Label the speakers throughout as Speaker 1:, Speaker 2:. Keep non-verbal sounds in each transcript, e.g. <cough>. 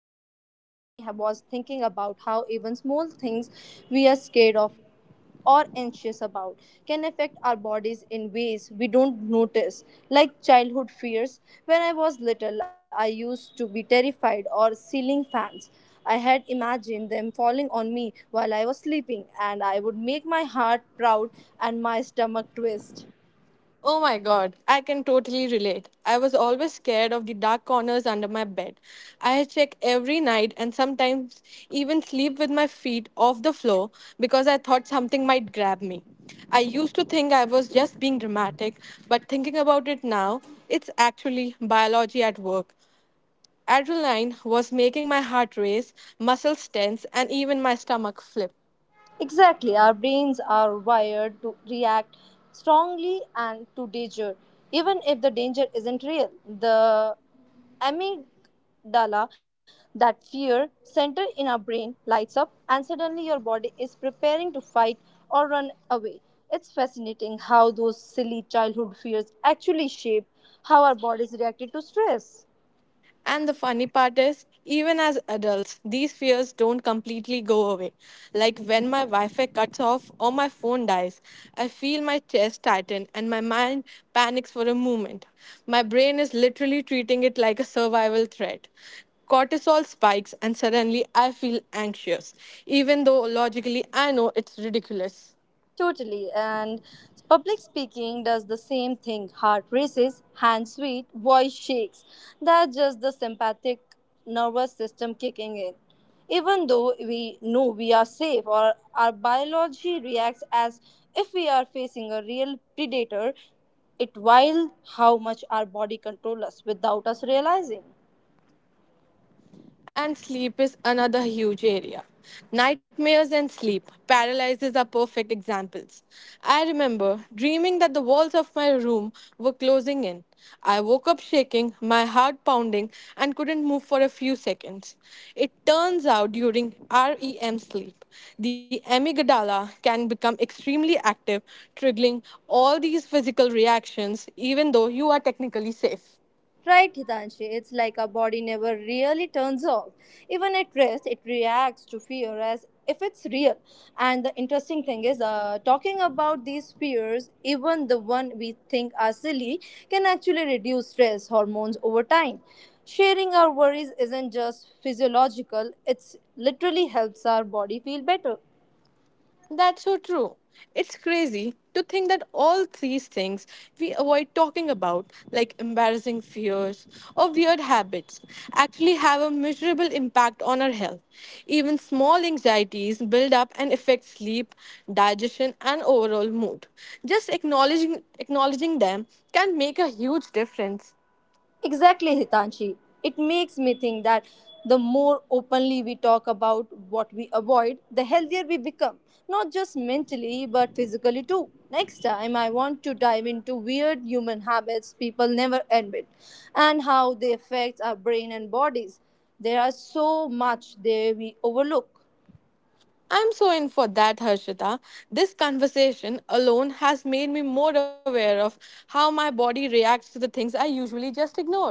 Speaker 1: was thinking about how even small things we are scared of or anxious about can affect our bodies in ways we don't notice, like childhood fears. When I was little, I used to be terrified or ceiling fans. I had imagined them falling on me while I was sleeping, and I would make my heart proud and my stomach twist.
Speaker 2: Oh my god, I can totally relate. I was always scared of the dark corners under my bed. I had check every night and sometimes even sleep with my feet off the floor because I thought something might grab me. I used to think I was just being dramatic, but thinking about it now, it's actually biology at work. Adrenaline was making my heart race, muscles tense, and even my stomach flip.
Speaker 1: Exactly, our brains are wired to react strongly and to danger, even if the danger isn't real. The amygdala, that fear center in our brain, lights up, and suddenly your body is preparing to fight or run away. It's fascinating how those silly childhood fears actually shape how our bodies reacted to stress.
Speaker 2: And the funny part is, even as adults, these fears don't completely go away. Like when my Wi Fi cuts off or my phone dies, I feel my chest tighten and my mind panics for a moment. My brain is literally treating it like a survival threat. Cortisol spikes, and suddenly I feel anxious, even though logically I know it's ridiculous.
Speaker 1: Totally. And public speaking does the same thing. Heart races, hands sweat, voice shakes. That's just the sympathetic nervous system kicking in. Even though we know we are safe or our biology reacts as if we are facing a real predator, it wild how much our body controls us without us realizing.
Speaker 2: And sleep is another huge area. Nightmares and sleep paralyzes are perfect examples. I remember dreaming that the walls of my room were closing in. I woke up shaking, my heart pounding, and couldn't move for a few seconds. It turns out during REM sleep, the amygdala can become extremely active, triggering all these physical reactions, even though you are technically safe.
Speaker 1: Right, Hitanshi, it's like our body never really turns off. Even at rest, it reacts to fear as if it's real. And the interesting thing is, talking about these fears, even the one we think are silly, can actually reduce stress hormones over time. Sharing our worries isn't just physiological, it literally helps our body feel better.
Speaker 2: That's so true. It's crazy to think that all these things we avoid talking about, like embarrassing fears or weird habits, actually have a measurable impact on our health. Even small anxieties build up and affect sleep, digestion, and overall mood. Just acknowledging them can make a huge difference.
Speaker 1: Exactly, Hitanshi. It makes me think that the more openly we talk about what we avoid, the healthier we become, not just mentally but physically too. Next time, I want to dive into weird human habits people never admit and how they affect our brain and bodies. There are so much there we overlook.
Speaker 2: I'm so in for that, Harshita. This conversation alone has made me more aware of how my body reacts to the things I usually just ignore.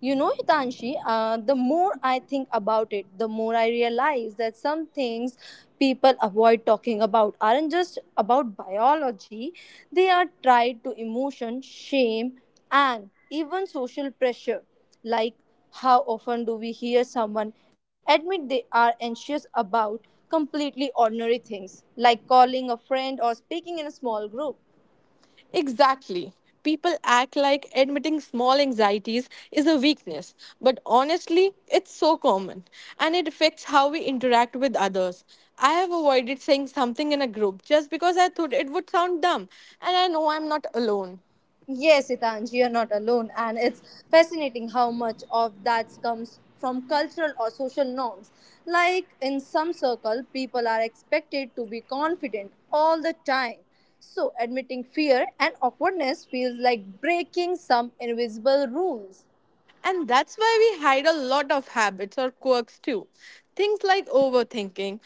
Speaker 1: You know, Hitanshi, the more I think about it, the more I realize that some things people avoid talking about aren't just about biology, they are tied to emotion, shame, and even social pressure. Like, how often do we hear someone admit they are anxious about completely ordinary things, like calling a friend or speaking in a small group?
Speaker 2: Exactly. People act like admitting small anxieties is a weakness, but honestly, it's so common and it affects how we interact with others. I have avoided saying something in a group just because I thought it would sound dumb, and I know I'm not alone.
Speaker 1: Yes, Itanj, you're not alone. And it's fascinating how much of that comes from cultural or social norms. Like in some circle, people are expected to be confident all the time. So admitting fear and awkwardness feels like breaking some invisible rules.
Speaker 2: And that's why we hide a lot of habits or quirks too. Things like overthinking,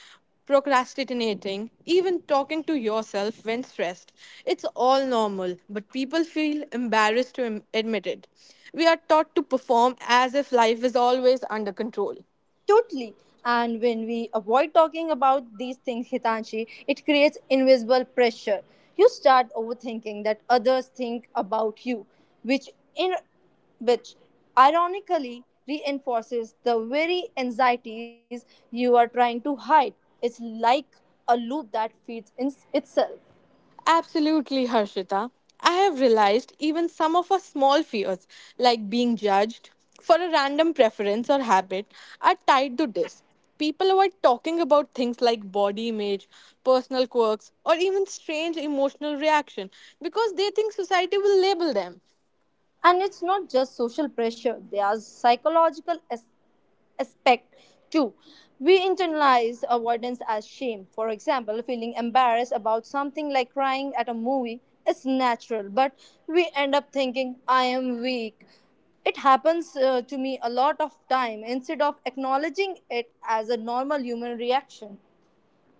Speaker 2: procrastinating, even talking to yourself when stressed. It's all normal, but people feel embarrassed to admit it. We are taught to perform as if life is always under control.
Speaker 1: Totally. And when we avoid talking about these things, Hitanshi, it creates invisible pressure. You start overthinking that others think about you, which in which ironically reinforces the very anxieties you are trying to hide. It's like a loop that feeds in itself.
Speaker 2: Absolutely, Harshita. I have realized even some of our small fears, like being judged for a random preference or habit, are tied to this. People avoid talking about things like body image, personal quirks, or even strange emotional reaction because they think society will label them.
Speaker 1: And it's not just social pressure, there are psychological aspect. Two, we internalize avoidance as shame. For example, feeling embarrassed about something like crying at a movie is natural, but we end up thinking, I am weak. It happens to me a lot of time instead of acknowledging it as a normal human reaction.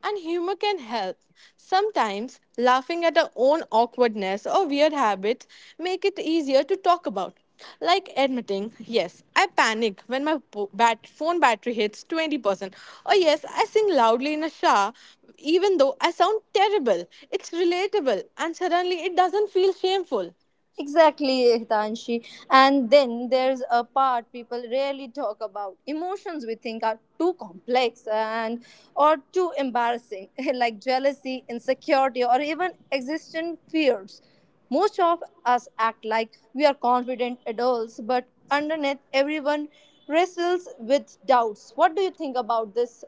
Speaker 2: And humor can help. Sometimes laughing at our own awkwardness or weird habits make it easier to talk about. Like admitting, yes, I panic when my phone battery hits 20%. Or yes, I sing loudly in a shower even though I sound terrible. It's relatable and suddenly it doesn't feel shameful.
Speaker 1: Exactly, Hitanshi. And then there's a part people rarely talk about emotions we think are too complex and or too embarrassing, <laughs> like jealousy, insecurity, or even existent fears. Most of us act like we are confident adults, but underneath, everyone wrestles with doubts. What do you think about this?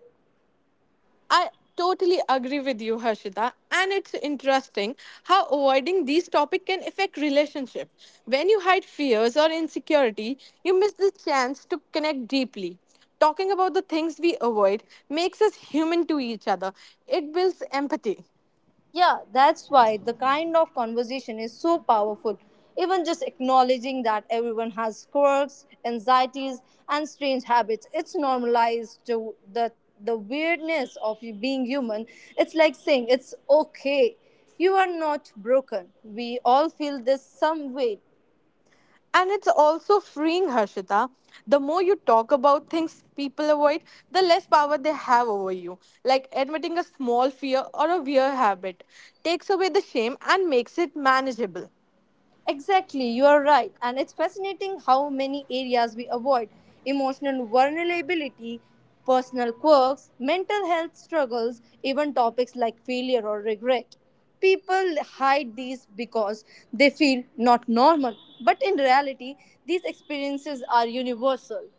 Speaker 2: I totally agree with you, Harshita. And it's interesting how avoiding these topics can affect relationship. When you hide fears or insecurity, you miss the chance to connect deeply. Talking about the things we avoid makes us human to each other. It builds empathy.
Speaker 1: Yeah, that's why the kind of conversation is so powerful. Even just acknowledging that everyone has quirks, anxieties, and strange habits, it's normalized to the weirdness of you being human. It's like saying it's okay. You are not broken. We all feel this some way.
Speaker 2: And it's also freeing, Harshita. The more you talk about things people avoid, the less power they have over you. Like admitting a small fear or a weird habit takes away the shame and makes it manageable.
Speaker 1: Exactly, you are right. And it's fascinating how many areas we avoid emotional vulnerability, personal quirks, mental health struggles, even topics like failure or regret. People hide these because they feel not normal. But in reality, these experiences are universal.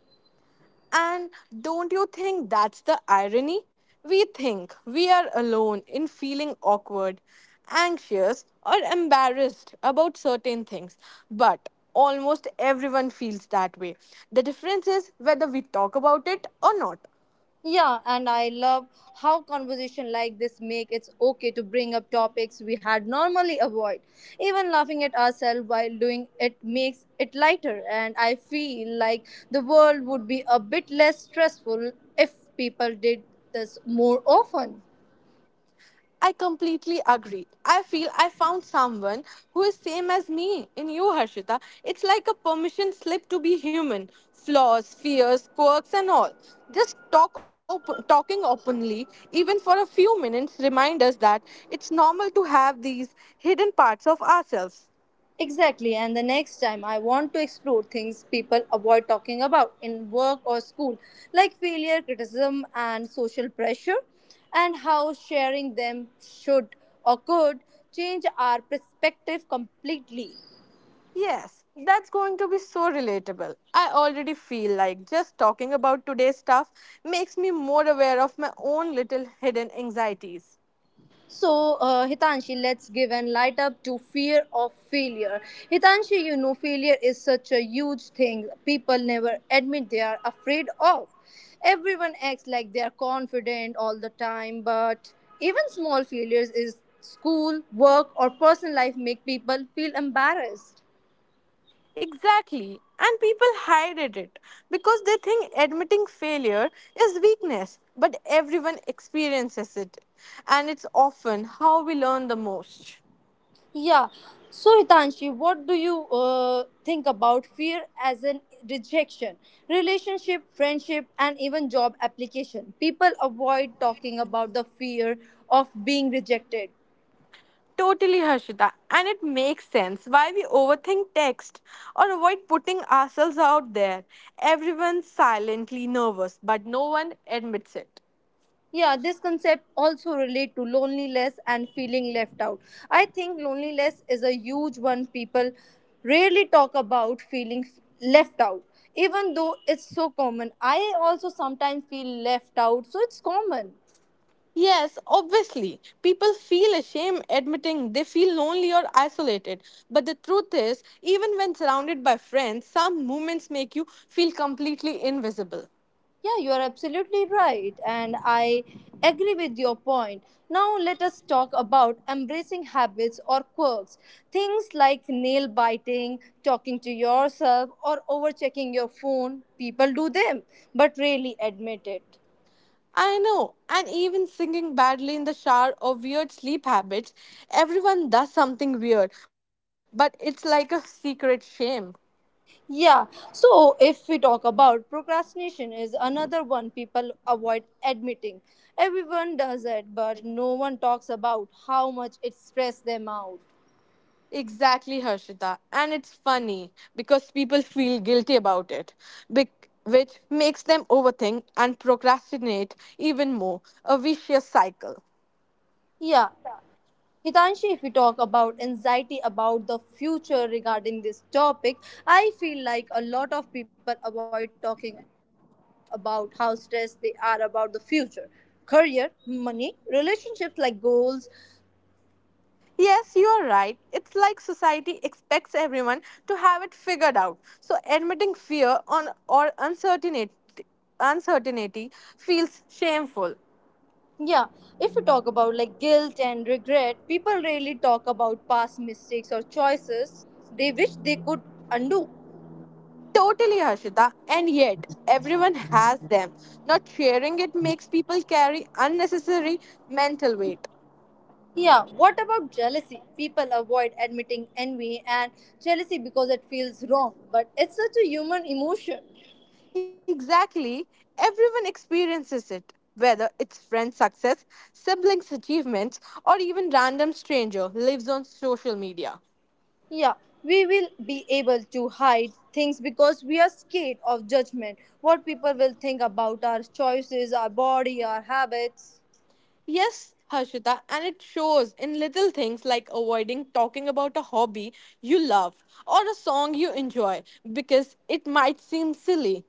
Speaker 2: And don't you think that's the irony? We think we are alone in feeling awkward, anxious, or embarrassed about certain things, but almost everyone feels that way. The difference is whether we talk about it or not.
Speaker 1: Yeah, and I love how conversation like this make it's okay to bring up topics we had normally avoid. Even laughing at ourselves while doing it makes it lighter and I feel like the world would be a bit less stressful if people did this more often.
Speaker 2: I completely agree. I feel I found someone who is same as me in you, Harshita. It's like a permission slip to be human, flaws, fears, quirks, and all. Just talking openly, even for a few minutes, remind us that it's normal to have these hidden parts of ourselves.
Speaker 1: Exactly, and the next time I want to explore things people avoid talking about in work or school, like failure, criticism, and social pressure, and how sharing them should or could change our perspective completely.
Speaker 2: Yes, that's going to be so relatable. I already feel like just talking about today's stuff makes me more aware of my own little hidden anxieties.
Speaker 1: So, Hitanshi, let's give and light up to fear of failure. Hitanshi, you know, failure is such a huge thing people never admit they are afraid of. Everyone acts like they are confident all the time, but even small failures is school, work, or personal life make people feel embarrassed.
Speaker 2: Exactly. And people hide it because they think admitting failure is weakness, but everyone experiences it. And it's often how we learn the most.
Speaker 1: Yeah. So, Hitanshi, what do you think about fear as an rejection? Relationship, friendship, and even job application. People avoid talking about the fear of being rejected.
Speaker 2: Totally, Harshita. And it makes sense why we overthink text or avoid putting ourselves out there. Everyone's silently nervous, but no one admits it.
Speaker 1: Yeah, this concept also relate to loneliness and feeling left out. I think loneliness is a huge one people rarely talk about feeling left out. Even though it's so common, I also sometimes feel left out, so it's common.
Speaker 2: Yes, obviously. People feel ashamed admitting they feel lonely or isolated. But the truth is, even when surrounded by friends, some moments make you feel completely invisible.
Speaker 1: Yeah, you are absolutely right, and I agree with your point. Now, let us talk about embracing habits or quirks. Things like nail biting, talking to yourself, or overchecking your phone. People do them, but rarely admit it.
Speaker 2: I know, and even singing badly in the shower or weird sleep habits, everyone does something weird, but it's like a secret shame.
Speaker 1: Yeah, so if we talk about procrastination, is another one people avoid admitting. Everyone does it, but no one talks about how much it stresses them out.
Speaker 2: Exactly, Harshita. And it's funny because people feel guilty about it, which makes them overthink and procrastinate even more. A vicious cycle.
Speaker 1: Yeah, Hitanshi, if we talk about anxiety about the future regarding this topic, I feel like a lot of people avoid talking about how stressed they are about the future. Career, money, relationships like goals.
Speaker 2: Yes, you are right. It's like society expects everyone to have it figured out. So admitting fear on or uncertainty feels shameful.
Speaker 1: Yeah, if we talk about like guilt and regret, people rarely talk about past mistakes or choices they wish they could undo.
Speaker 2: Totally, Harshita. And yet, everyone has them. Not sharing it makes people carry unnecessary mental weight.
Speaker 1: Yeah, what about jealousy? People avoid admitting envy and jealousy because it feels wrong, but it's such a human emotion.
Speaker 2: Exactly. Everyone experiences it, whether it's friend success, siblings' achievements, or even random stranger lives on social media.
Speaker 1: Yeah, we will be able to hide things because we are scared of judgment. What people will think about our choices, our body, our habits.
Speaker 2: Yes, Harshita, and it shows in little things like avoiding talking about a hobby you love or a song you enjoy because it might seem silly.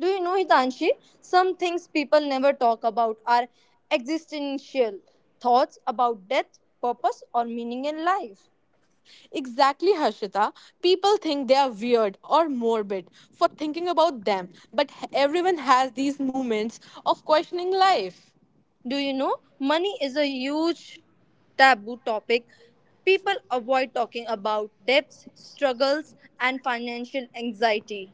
Speaker 1: Do you know, Hitanshi? Some things people never talk about are existential thoughts about death, purpose, or meaning in life.
Speaker 2: Exactly, Harshita. People think they are weird or morbid for thinking about them, but everyone has these moments of questioning life.
Speaker 1: Do you know? Money is a huge taboo topic. People avoid talking about debts, struggles, and financial anxiety.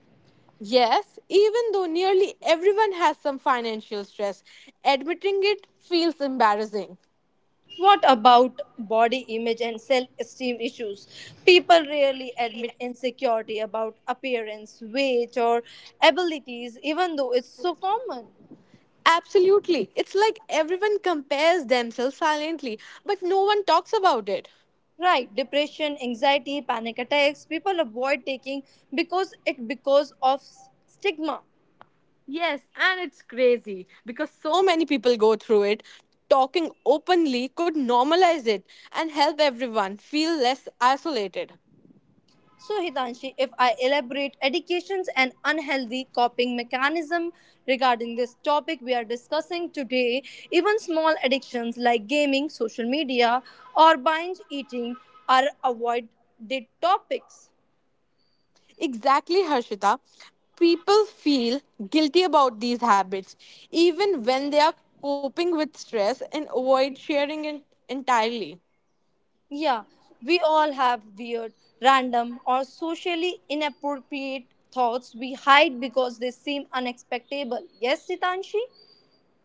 Speaker 2: Yes, even though nearly everyone has some financial stress, admitting it feels embarrassing.
Speaker 1: What about body image and self esteem issues? People rarely admit insecurity about appearance, weight, or abilities, even though it's so common.
Speaker 2: Absolutely. It's like everyone compares themselves silently, but no one talks about it.
Speaker 1: Right, depression, anxiety, panic attacks, people avoid taking because it because of stigma.
Speaker 2: Yes, and it's crazy because so many people go through it. Talking openly could normalize it and help everyone feel less isolated.
Speaker 1: So, Hitanshi, if I elaborate addictions and unhealthy coping mechanism regarding this topic we are discussing today, even small addictions like gaming, social media, or binge eating are avoided topics.
Speaker 2: Exactly, Harshita. People feel guilty about these habits, even when they are coping with stress and avoid sharing it entirely.
Speaker 1: Yeah, we all have weird, random, or socially inappropriate thoughts we hide because they seem unexpectable. Yes, Hitanshi?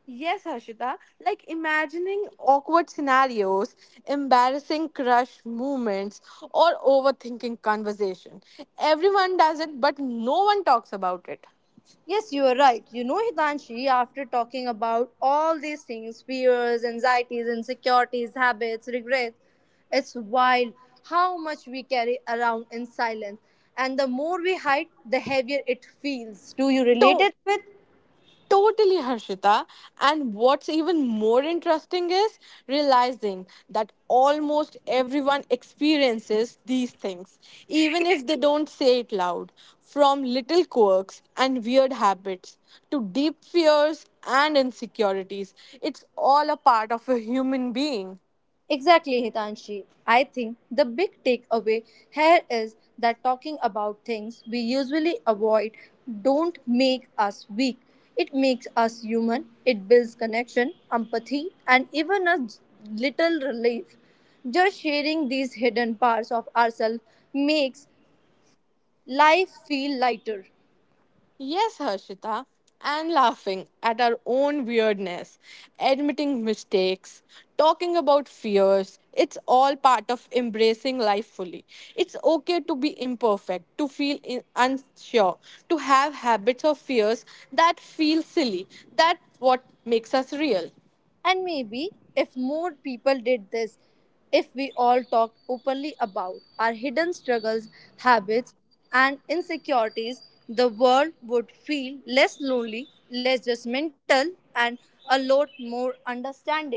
Speaker 2: Yes, Harshita. Like imagining awkward scenarios, embarrassing crush moments, or overthinking conversation. Everyone does it, but no one talks about it.
Speaker 1: Yes, you are right. You know, Hitanshi, after talking about all these things fears, anxieties, insecurities, habits, regrets it's wild how much we carry around in silence. And the more we hide, the heavier it feels. Do you relate it with?
Speaker 2: Totally, Harshita. And what's even more interesting is realizing that almost everyone experiences these things, even if they don't say it loud. From little quirks and weird habits to deep fears and insecurities, it's all a part of a human being.
Speaker 1: Exactly, Hitanshi. I think the big takeaway here is that talking about things we usually avoid don't make us weak. It makes us human. It builds connection, empathy, and even a little relief. Just sharing these hidden parts of ourselves makes life feel lighter.
Speaker 2: Yes, Harshita, and laughing at our own weirdness, admitting mistakes, talking about fears. It's all part of embracing life fully. It's okay to be imperfect, to feel unsure, to have habits or fears that feel silly. That's what makes us real.
Speaker 1: And maybe if more people did this, if we all talked openly about our hidden struggles, habits, and insecurities, the world would feel less lonely, less judgmental, and a lot more understanding.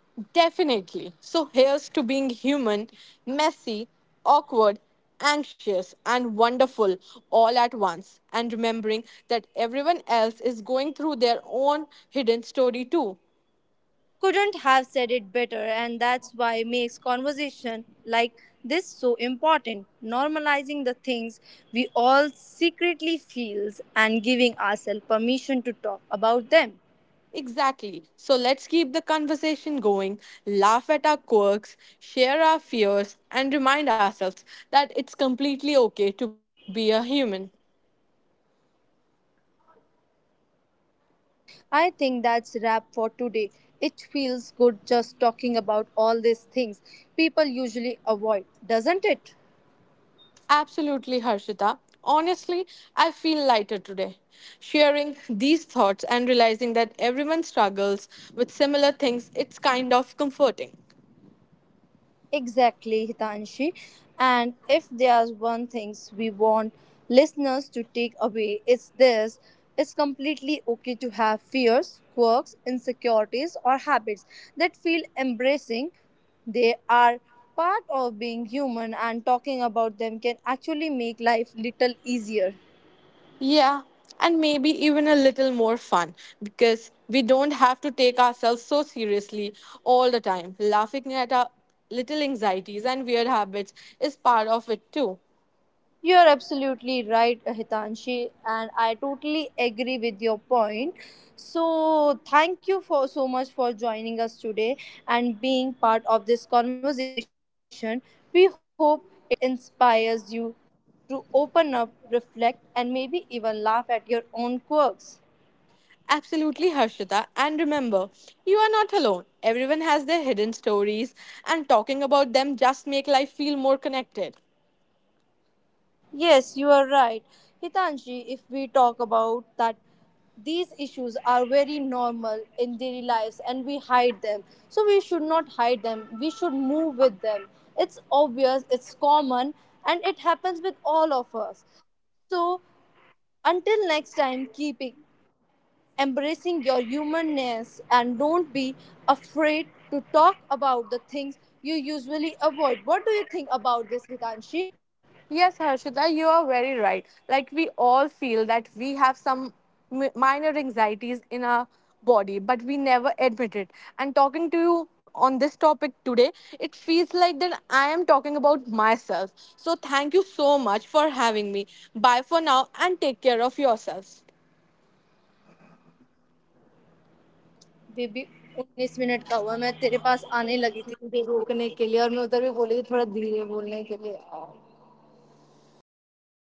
Speaker 2: Definitely. So here's to being human, messy, awkward, anxious, and wonderful all at once. And remembering that everyone else is going through their own hidden story too.
Speaker 1: Couldn't have said it better, and that's why makes conversation like this so important. Normalizing the things we all secretly feels and giving ourselves permission to talk about them.
Speaker 2: Exactly. So let's keep the conversation going, laugh at our quirks, share our fears, and remind ourselves that it's completely okay to be a human.
Speaker 1: All right, Hitanshi. I think that's wrap for today. It feels good just talking about all these things people usually avoid, doesn't it?
Speaker 2: Absolutely, Harshita. Honestly, I feel lighter today. Sharing these thoughts and realizing that everyone struggles with similar things, it's kind of comforting.
Speaker 1: Exactly, Hitanshi. And if there's one thing we want listeners to take away, it's this it's completely okay to have fears, quirks, insecurities, or habits that feel embracing. They are part of being human, and talking about them can actually make life little easier.
Speaker 2: Yeah, and maybe even a little more fun because we don't have to take ourselves so seriously all the time. Laughing at our little anxieties and weird habits is part of it too.
Speaker 1: You are absolutely right, Hitanshi, and I totally agree with your point. So, thank you for so much for joining us today and being part of this conversation. We hope it inspires you to open up, reflect, and maybe even laugh at your own quirks.
Speaker 2: Absolutely, Harshita. And remember, you are not alone. Everyone has their hidden stories, and talking about them just make life feel more connected.
Speaker 1: Yes, you are right. Hitanshi, if we talk about that, these issues are very normal in daily lives and we hide them. So we should not hide them. We should move with them. It's obvious, it's common, and it happens with all of us. So until next time, keep embracing your humanness and don't be afraid to talk about the things you usually avoid. What do you think about this, Hitanshi?
Speaker 2: Yes, Harshita, you are very right. Like we all feel that we have some minor anxieties in our body, but we never admit it. And talking to you on this topic today, it feels like that I am talking about myself. So thank you so much for having me. Bye for now, and take care of yourselves.
Speaker 1: Baby उन्नीस minute का हुआ मैं तेरे पास
Speaker 2: सामने
Speaker 1: आने
Speaker 2: लगी
Speaker 1: लगी
Speaker 2: थी
Speaker 1: थी
Speaker 2: मुझे रोकने के लिए और मैं उधर भी बोली थी थोड़ा धीरे बोलने के लिए और